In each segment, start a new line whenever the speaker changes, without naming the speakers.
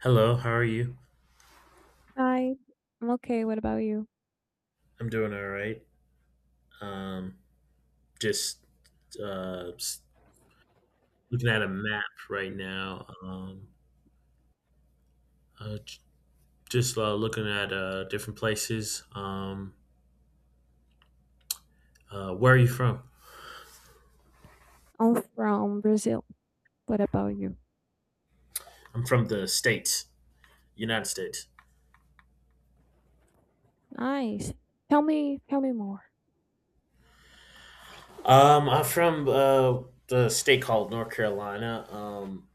Hello, how are you?
Hi, I'm okay. What about you?
I'm doing all right. Um, just uh, s- looking at a map right now. Uh, j- just looking at different places. Where are you from?
I'm from Brazil. What about you?
I'm from the States, United States.
Nice. Tell me more.
I'm from the state called North Carolina.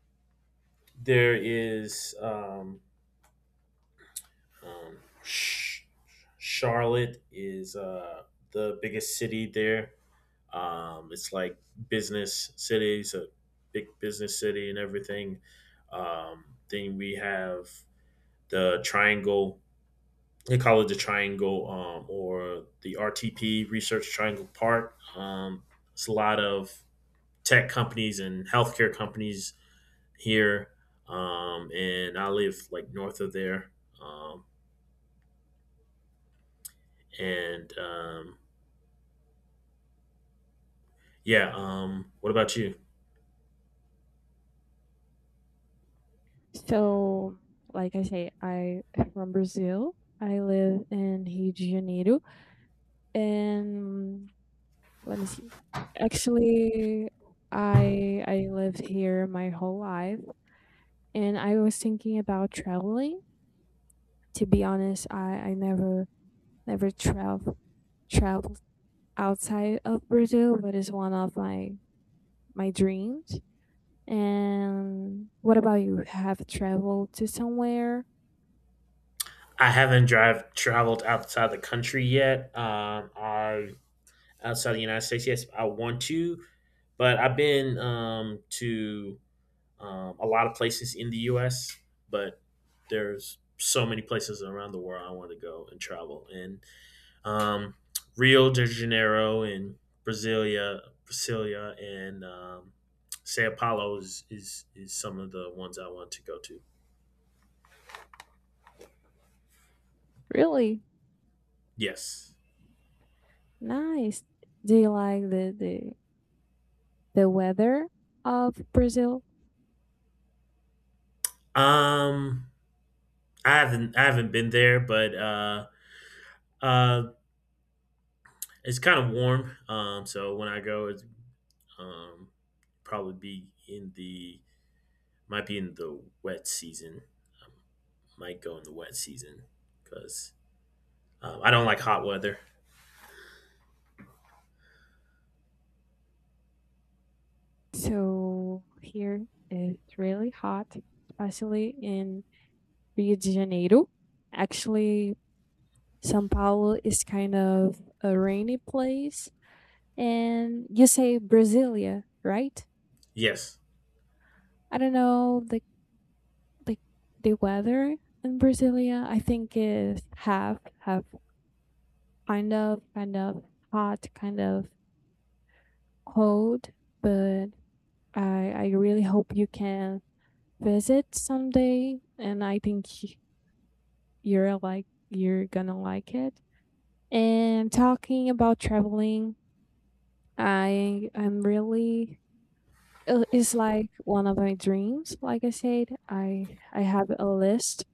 there is um, um, Sh- Charlotte is the biggest city there. It's like business cities, a big business city, and everything. Then we have the Triangle. They call it the Triangle, or the RTP Research Triangle Park. It's a lot of tech companies and healthcare companies here, and I live like north of there. Um, and, yeah, what about you?
So, like I say, I am from Brazil. I live in Rio de Janeiro, and let me see. Actually, I lived here my whole life, and I was thinking about traveling. To be honest, I never traveled outside of Brazil, but it's one of my dreams. And what about you? Have traveled to somewhere
I haven't drive traveled outside the country yet. I outside the United States. Yes, I want to, but I've been, to a lot of places in the U.S. But there's so many places around the world I want to go and travel. And, um, Rio de Janeiro and Brasilia, Brasilia and Sao Paulo is some of the ones I want to go to.
really
Yes.
nice? Do you like the weather of Brazil?
Um. I haven't been there, but uh, it's kind of warm. So when I go, it's, um, probably be in the might be in the wet season. I might go in the wet season because, I don't like hot weather.
So here it's really hot, especially in Rio de Janeiro. Actually, São Paulo is kind of a rainy place. And you say Brasilia, right?
Yes.
I don't know the, like, the weather in Brasilia, I think is half half, kind of hot, kind of cold. But I really hope you can visit someday, and I think you're gonna like it. And talking about traveling, I'm really it's like one of my dreams. Like I said, I have a list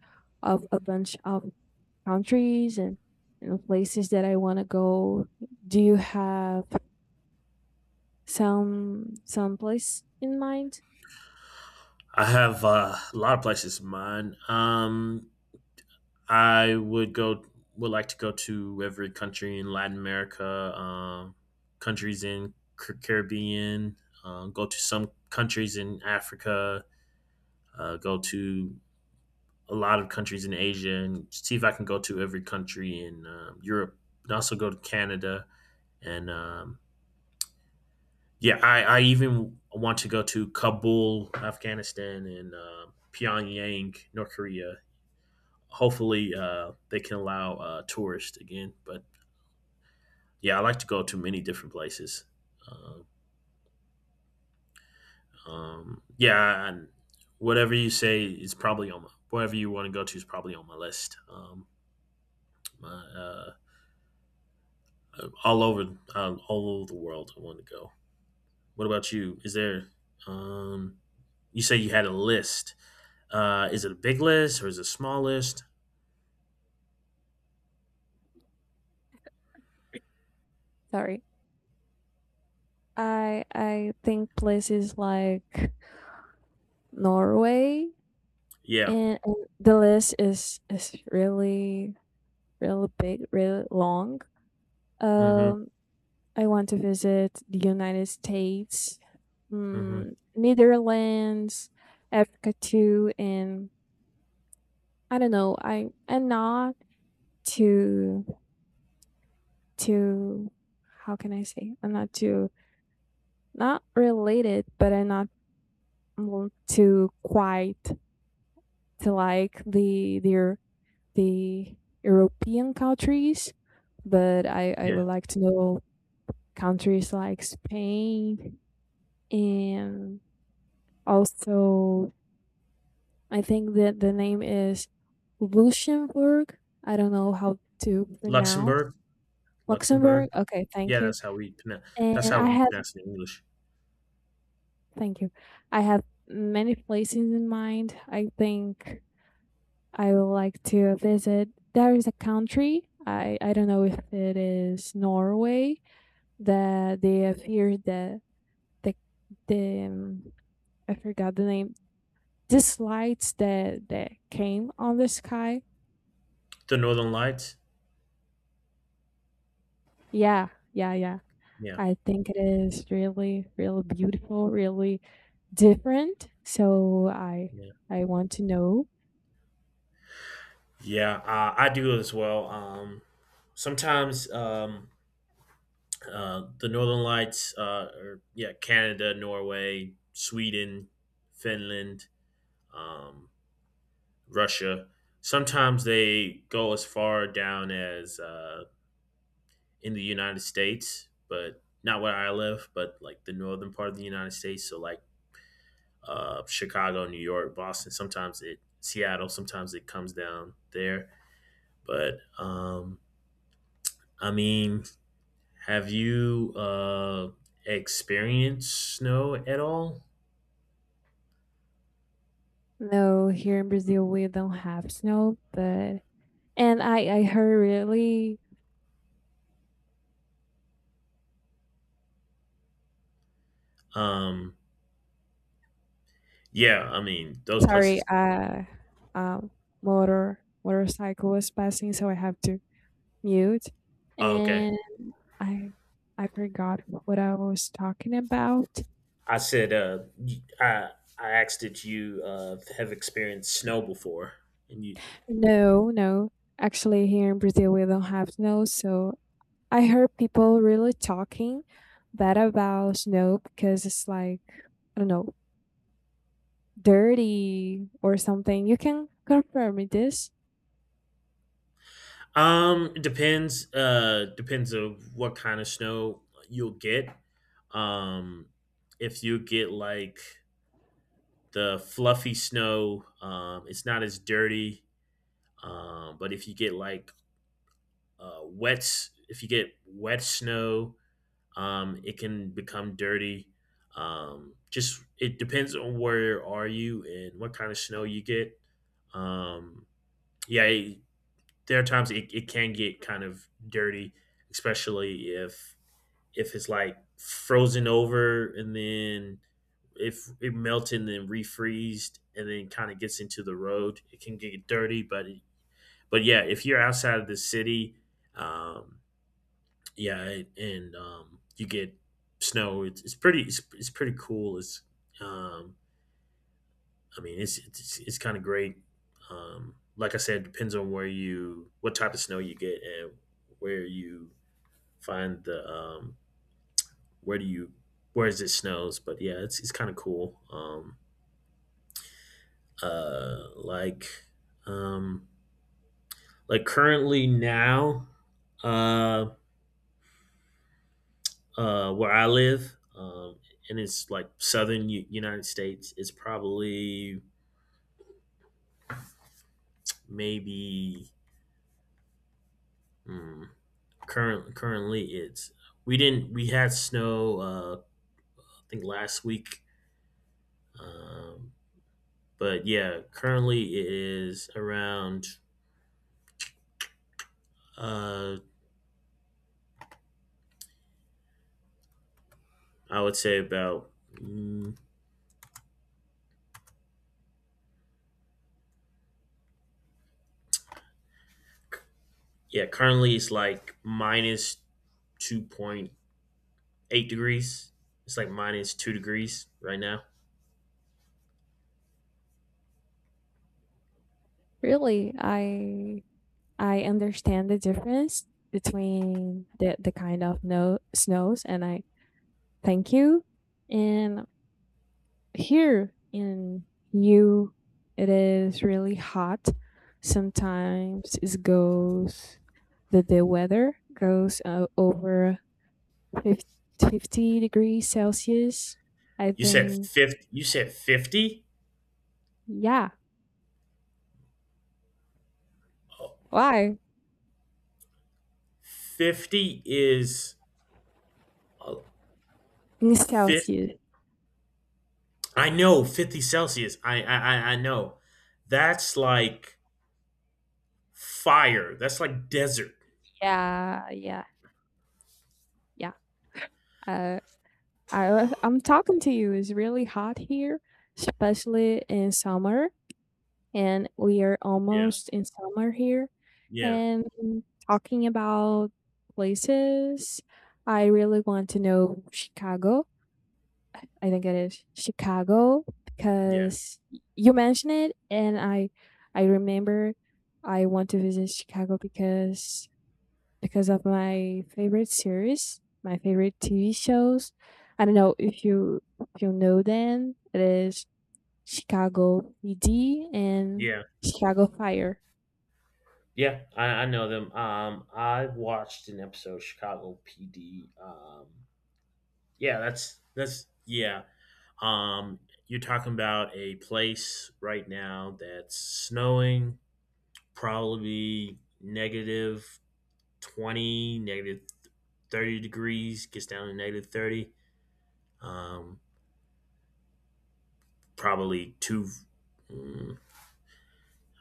of a bunch of countries and places that I want to go. Do you have some place in mind?
I have a lot of places in mind. I would go. Would like to go to every country in Latin America, um, countries in Caribbean. Go to some countries in Africa. Go to a lot of countries in Asia, and see if I can go to every country in, Europe. And also go to Canada, and, yeah, I even want to go to Kabul, Afghanistan, and Pyongyang, North Korea. Hopefully, they can allow tourists again, but yeah, I like to go to many different places. Uh, yeah, and whatever you say is probably on my, wherever you want to go to is probably on my list. My, uh, all over the world, I want to go. What about you? Is there? Um, you say you had a list. Is it a big list or is it a small list?
Sorry, I think places like Norway
Yeah.
and the list is really really big, really long.
Mm-hmm.
Um, I want to visit the United States,
Mm-hmm.
mm, Netherlands, Africa too, and I don't know. I am not too too. How can I say? I'm not too, not related, but I'm not, mm, too quite to like the European countries. But I
Yeah.
would like to know countries like Spain, and also I think that the name is Luxembourg. I don't know how to pronounce
Luxembourg.
Luxembourg.
Luxembourg.
Okay, thank
Yeah,
you.
that's how we pronounce. That's
And
how
I
we
have,
pronounce it in English.
thank you. I have many places in mind. I think I would like to visit. There is a country. I don't know if it is Norway, that they have here the the I forgot the name. These lights that that came on the sky.
The Northern Lights.
Yeah, yeah, yeah.
Yeah.
I think it is really, really beautiful, really different. So
Yeah.
I want to know.
Yeah, I do as well. Sometimes The Northern Lights, or yeah, Canada, Norway, Sweden, Finland, um, Russia. Sometimes they go as far down as in the United States, but not where I live, but like the northern part of the United States. So like Chicago, New York, Boston. Sometimes it Seattle. Sometimes it comes down there. But I mean, have you experienced snow at all?
No, here in Brazil we don't have snow, but and I heard really,
Um, yeah, I mean those
sorry,
places.
um motorcycle was passing, so I have to mute.
Oh, okay,
And I I forgot what I was talking about.
I said, I asked, did you have experienced snow before? And you,
No, no. Actually here in Brazil we don't have snow, so I heard people really talking bad about snow because it's like, I don't know, dirty or something. You can confirm me this.
it depends of what kind of snow you'll get. Um, if you get like the fluffy snow, it's not as dirty. But if you get like wets. If you get wet snow, it can become dirty. Just it depends on where are you and what kind of snow you get. Um, yeah, there are times it can get kind of dirty, especially if it's like frozen over and then if it melted and then refreezed and then kind of gets into the road, it can get dirty. But yeah, if you're outside of the city, um, yeah, it- and you get snow. It's pretty. It's pretty cool. It's, um, I mean, it's kind of great. Like I said, depends on what type of snow you get, and where you find the where do you where is it snows. But yeah, it's kind of cool. Uh, like um, like currently now, um, where I live, and it's like southern United States. It's probably, maybe, mm, currently it's, we didn't we had snow, I think last week, um, but yeah, currently it is around, uh, I would say about, yeah, currently it's like minus 2.8 degrees. It's like minus 2 degrees right now.
Really, I understand the difference between the kind of no, snows and I, thank you. And here in you, it is really hot. Sometimes it goes the weather goes over 50 degrees Celsius. I
You said
think,
50. You said 50.
yeah. Why?
50 is, uh,
In
fif-
Celsius.
I know 50 Celsius. I know. That's like fire. That's like desert.
Yeah, yeah, yeah. Uh, I was, I'm talking to you. It's really hot here, especially in summer, and we are
Yeah.
almost in summer here.
Yeah.
And talking about places, I really want to know Chicago, I think it is Chicago,
Yeah.
because you mentioned it, and I remember I want to visit Chicago because of my favorite series, my favorite TV shows. I don't know if you, if you know them. It is Chicago PD and
Yeah.
Chicago Fire.
Yeah. I know them. I watched an episode of Chicago PD. Yeah, that's yeah. Um you're talking about a place right now that's snowing, probably negative 20, negative 30 degrees, gets down to negative 30. Um, Probably two, mm,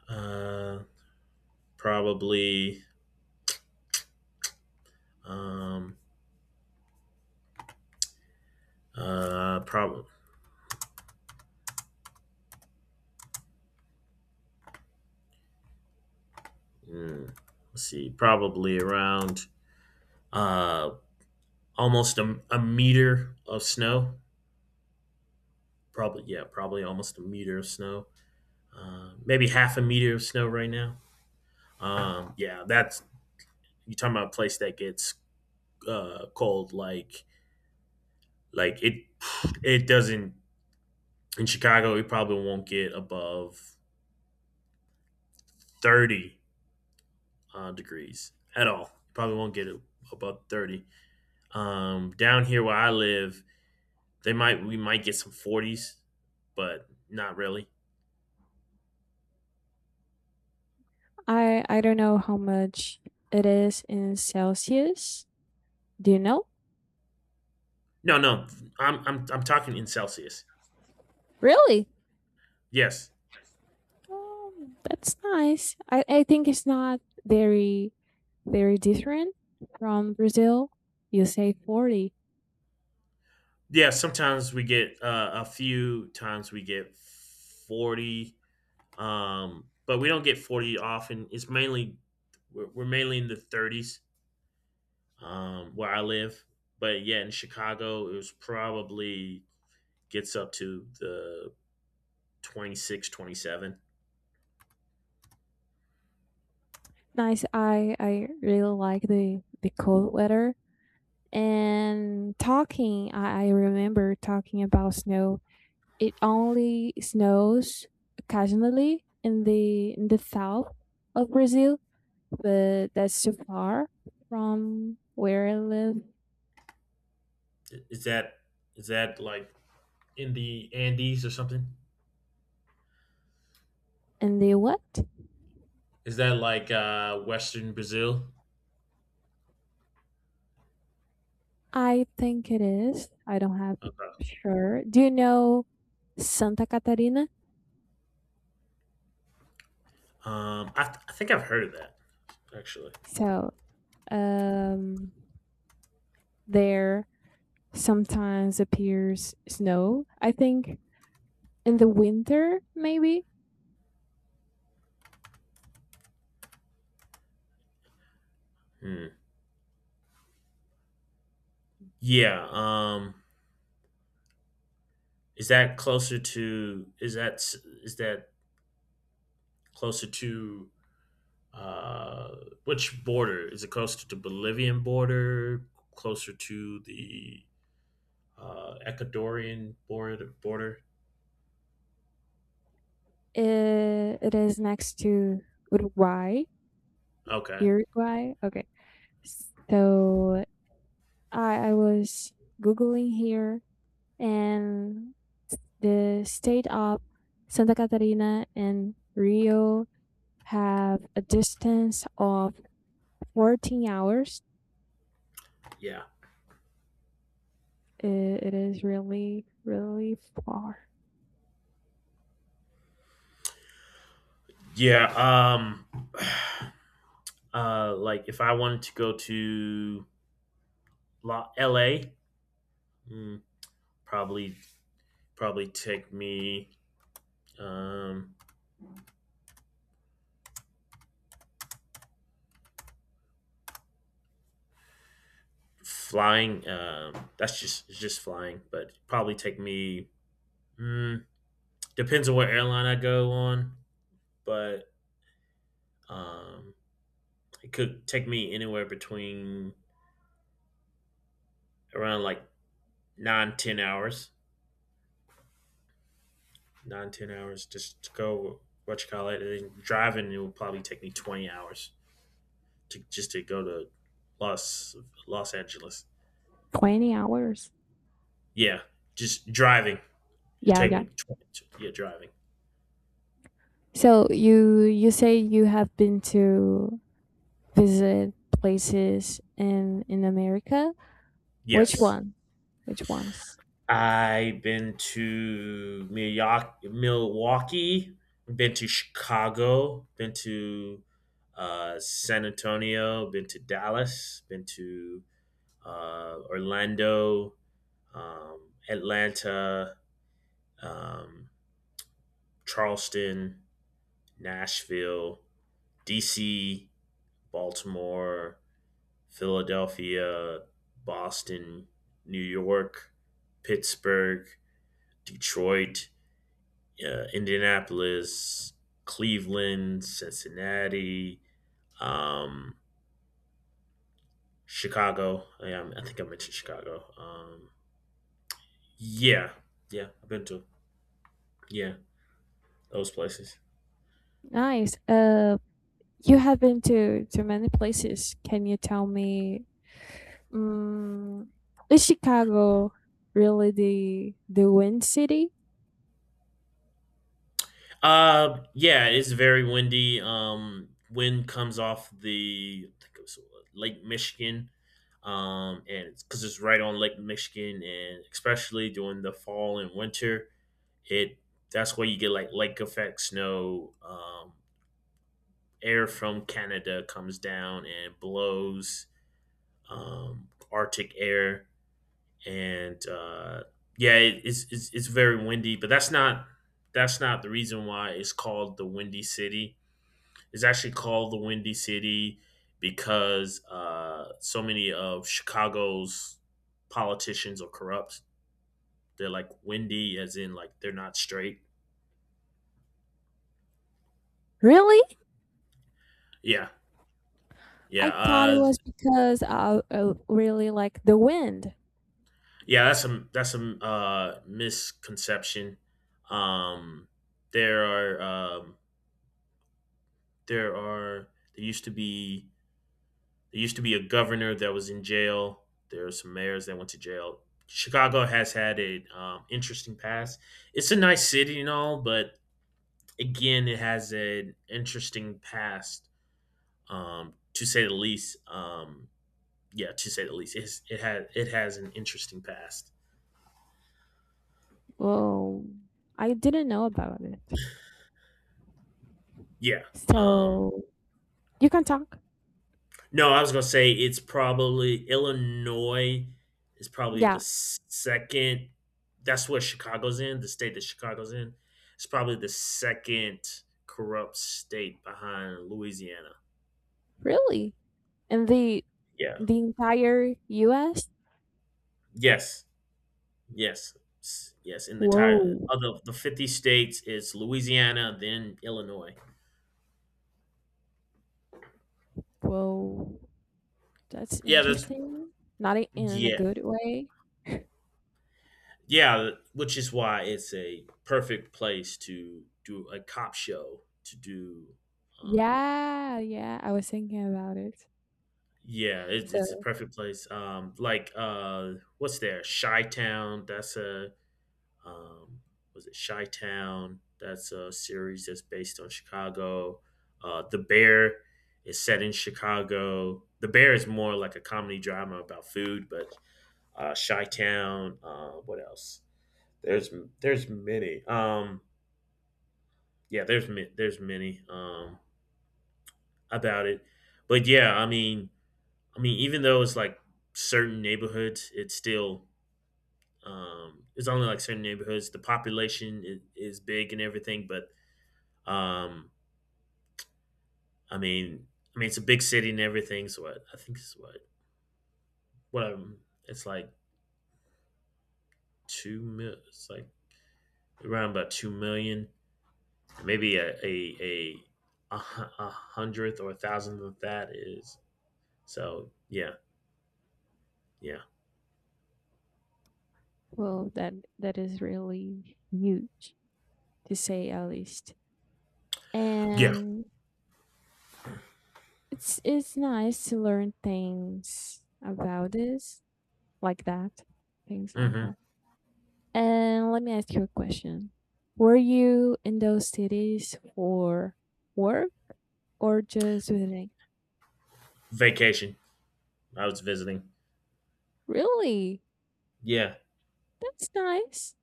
uh, probably, um, probably, mm, let's see, probably around, uh, almost a meter of snow. Probably, yeah, probably almost a meter of snow. Maybe half a meter of snow right now. Yeah, that's, you talking about a place that gets cold like. Like it, it doesn't in Chicago. You probably won't get above 30 degrees at all. You probably won't get it above 30. Down here where I live, they might we might get some forties, but not really.
I don't know how much it is in Celsius. Do you know?
No, no, I'm talking in Celsius.
Really?
Yes,
That's nice. I think it's not very very different from Brazil. You say 40.
yeah. Sometimes we get A few times we get 40, but we don't get 40 often. It's mainly we're mainly in the 30s, where I live. But yeah, in Chicago, it was probably gets up to the 26, 27.
Nice. I really like the cold weather, and talking, I remember talking about snow. It only snows occasionally in the, in the south of Brazil, but that's too far from where I live.
Is that is that like in the Andes or something?
And the what?
Is that like Western Brazil?
I think it is. I don't have
Okay.
sure. Do you know Santa Catarina?
I think I've heard of that, actually.
So, um, there sometimes appears snow. I think in the winter, maybe.
Hmm. Yeah. Is that closer to? Is that Closer to, uh, which border, is it closer to the Bolivian border, closer to the Ecuadorian border? Border?
It is next to Uruguay,
Okay,
Uruguay. Okay, so I was googling here, and the state of Santa Catarina and Rio have a distance of 14 hours.
yeah,
I- it is really, really far.
yeah. Like if I wanted to go to L.A., mm, probably probably take me, um flying. That's just It's just flying, but probably take me. Mm, Depends on what airline I go on, but, um it could take me anywhere between around like nine, 10 hours, nine, 10 hours just to go. What you call it? And driving, it would probably take me 20 hours to just to go to Los Los Angeles.
20 hours.
Yeah, just driving. It
Yeah,
take me
yeah.
20. Yeah, driving.
So you say you have been to visit places in America. Which
Yes,
one? Which ones?
I've been to Milwaukee, been to Chicago, been to San Antonio, been to Dallas, been to Orlando, Atlanta, um, Charleston, Nashville, DC, Baltimore, Philadelphia, Boston, New York, Pittsburgh, Detroit, Indianapolis, Cleveland, Cincinnati, um, Chicago. Yeah, I think I mentioned Chicago. Yeah, yeah, I've been to, yeah, those places.
Nice. You have been to many places. Can you tell me, um, is Chicago really the wind city?
Yeah, it's very windy. Wind comes off the I think it was Lake Michigan, and it's because it's right on Lake Michigan, and especially during the fall and winter, it that's where you get like lake effect snow. Air from Canada comes down and blows, Arctic air, and, yeah, it, it's very windy. But that's not the reason why it's called the Windy City. It's actually called the Windy City because so many of Chicago's politicians are corrupt. They're like windy, as in like they're not straight.
Really?
Yeah,
I
yeah,
thought it was because I really like the wind.
yeah. That's a misconception. Um, there are, there are there used to be there used to be a governor that was in jail. There are some mayors that went to jail. Chicago has had an, interesting past. It's a nice city and all, but again, it has an interesting past, to say the least. Yeah, to say the least, it has an interesting past.
Well, I didn't know about it.
Yeah. Um,
So you can talk.
no, I was gonna say it's probably Illinois is probably the
Yeah,
second. That's what Chicago's in. The state that Chicago's in, it's probably the second corrupt state behind Louisiana.
really. And the
Yeah.
the entire U.S.
Yes. Yes. Yes, in the entire
Whoa.
of the 50 states, it's Louisiana, then Illinois.
Whoa, that's
Yeah, that's,
interesting. Not I- in a
yeah.
good way.
Yeah, which is why it's a perfect place to do a cop show, to do, um
Yeah, yeah, I was thinking about it.
yeah, it's a
So,
perfect place. Like, what's there? Chi Town, that's a. Um, was it Chi Town? That's a series that's based on Chicago. The Bear is set in Chicago. The Bear is more like a comedy drama about food, but Chi Town. What else? There's there's many. Yeah, there's many, about it. But yeah, I mean, even though it's like certain neighborhoods, it's still, it's only like certain neighborhoods. The population is big and everything, but, Um, I mean, I mean, it's a big city and everything. So I think it's what, it's like two mil. It's like around about 2 million. Maybe a hundredth or a thousandth of that is. So yeah, yeah,
well, that is really huge, to say at least.
yeah.
And it's nice to learn things about this, like that, things like
hmm
that. And let me ask you a question. Were you in those cities for work or just visiting?
Vacation. I was visiting.
Really?
Yeah,
That's nice.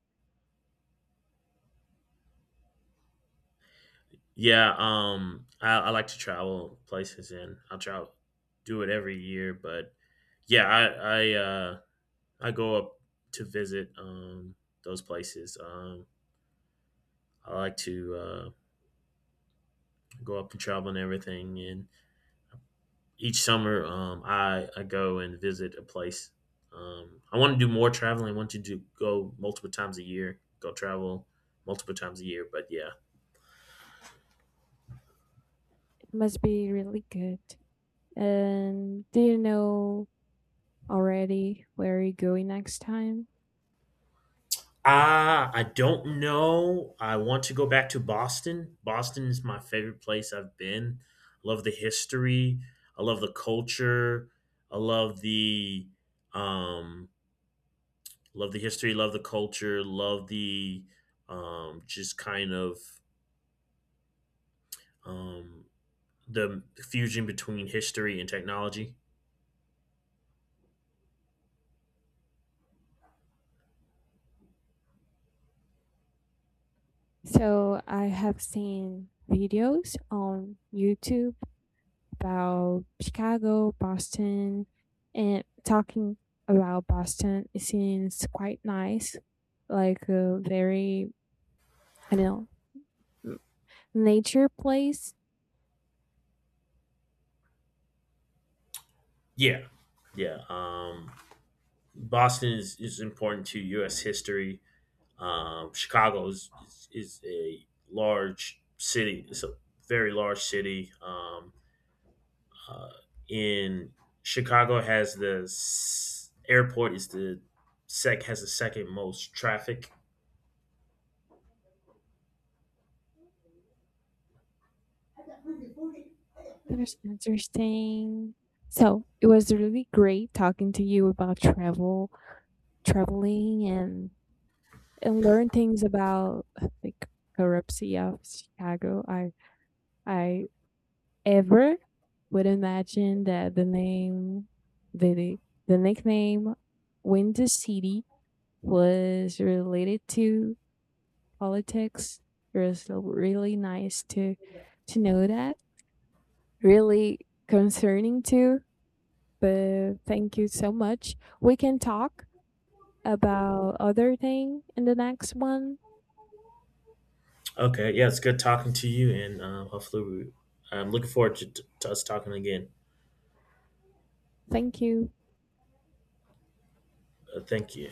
yeah. I like to travel places, and I'll try do it every year. But yeah, I go up to visit, those places. I like to, go up and travel and everything. And each summer, I go and visit a place. I want to do more traveling. I want to do go multiple times a year. Go travel multiple times a year. But yeah,
It must be really good. And do you know already where you're going next time?
I don't know. I want to go back to Boston. Boston is my favorite place I've been. I love the history. I love the culture. I love the um Love the history, love the culture, love the, just kind of, um, the fusion between history and technology.
So I have seen videos on YouTube about Chicago, Boston, and talking about Boston, it seems quite nice, like a very, I don't know, nature place.
Yeah. Yeah, Boston is important to U.S. history. Chicago is a large city. It's a very large city. Uh, in Chicago has the s- airport is the sec has the second most traffic.
That is interesting. So it was really great talking to you about travel, traveling, and learn things about like corruption of Chicago. I ever would imagine that the name, the, the nickname Windy City was related to politics. It was really nice to know that. Really concerning too, but thank you so much. We can talk about other thing in the next one.
Okay, yeah, it's good talking to you, and hopefully, I'm looking forward to us talking again.
Thank you.
Thank you.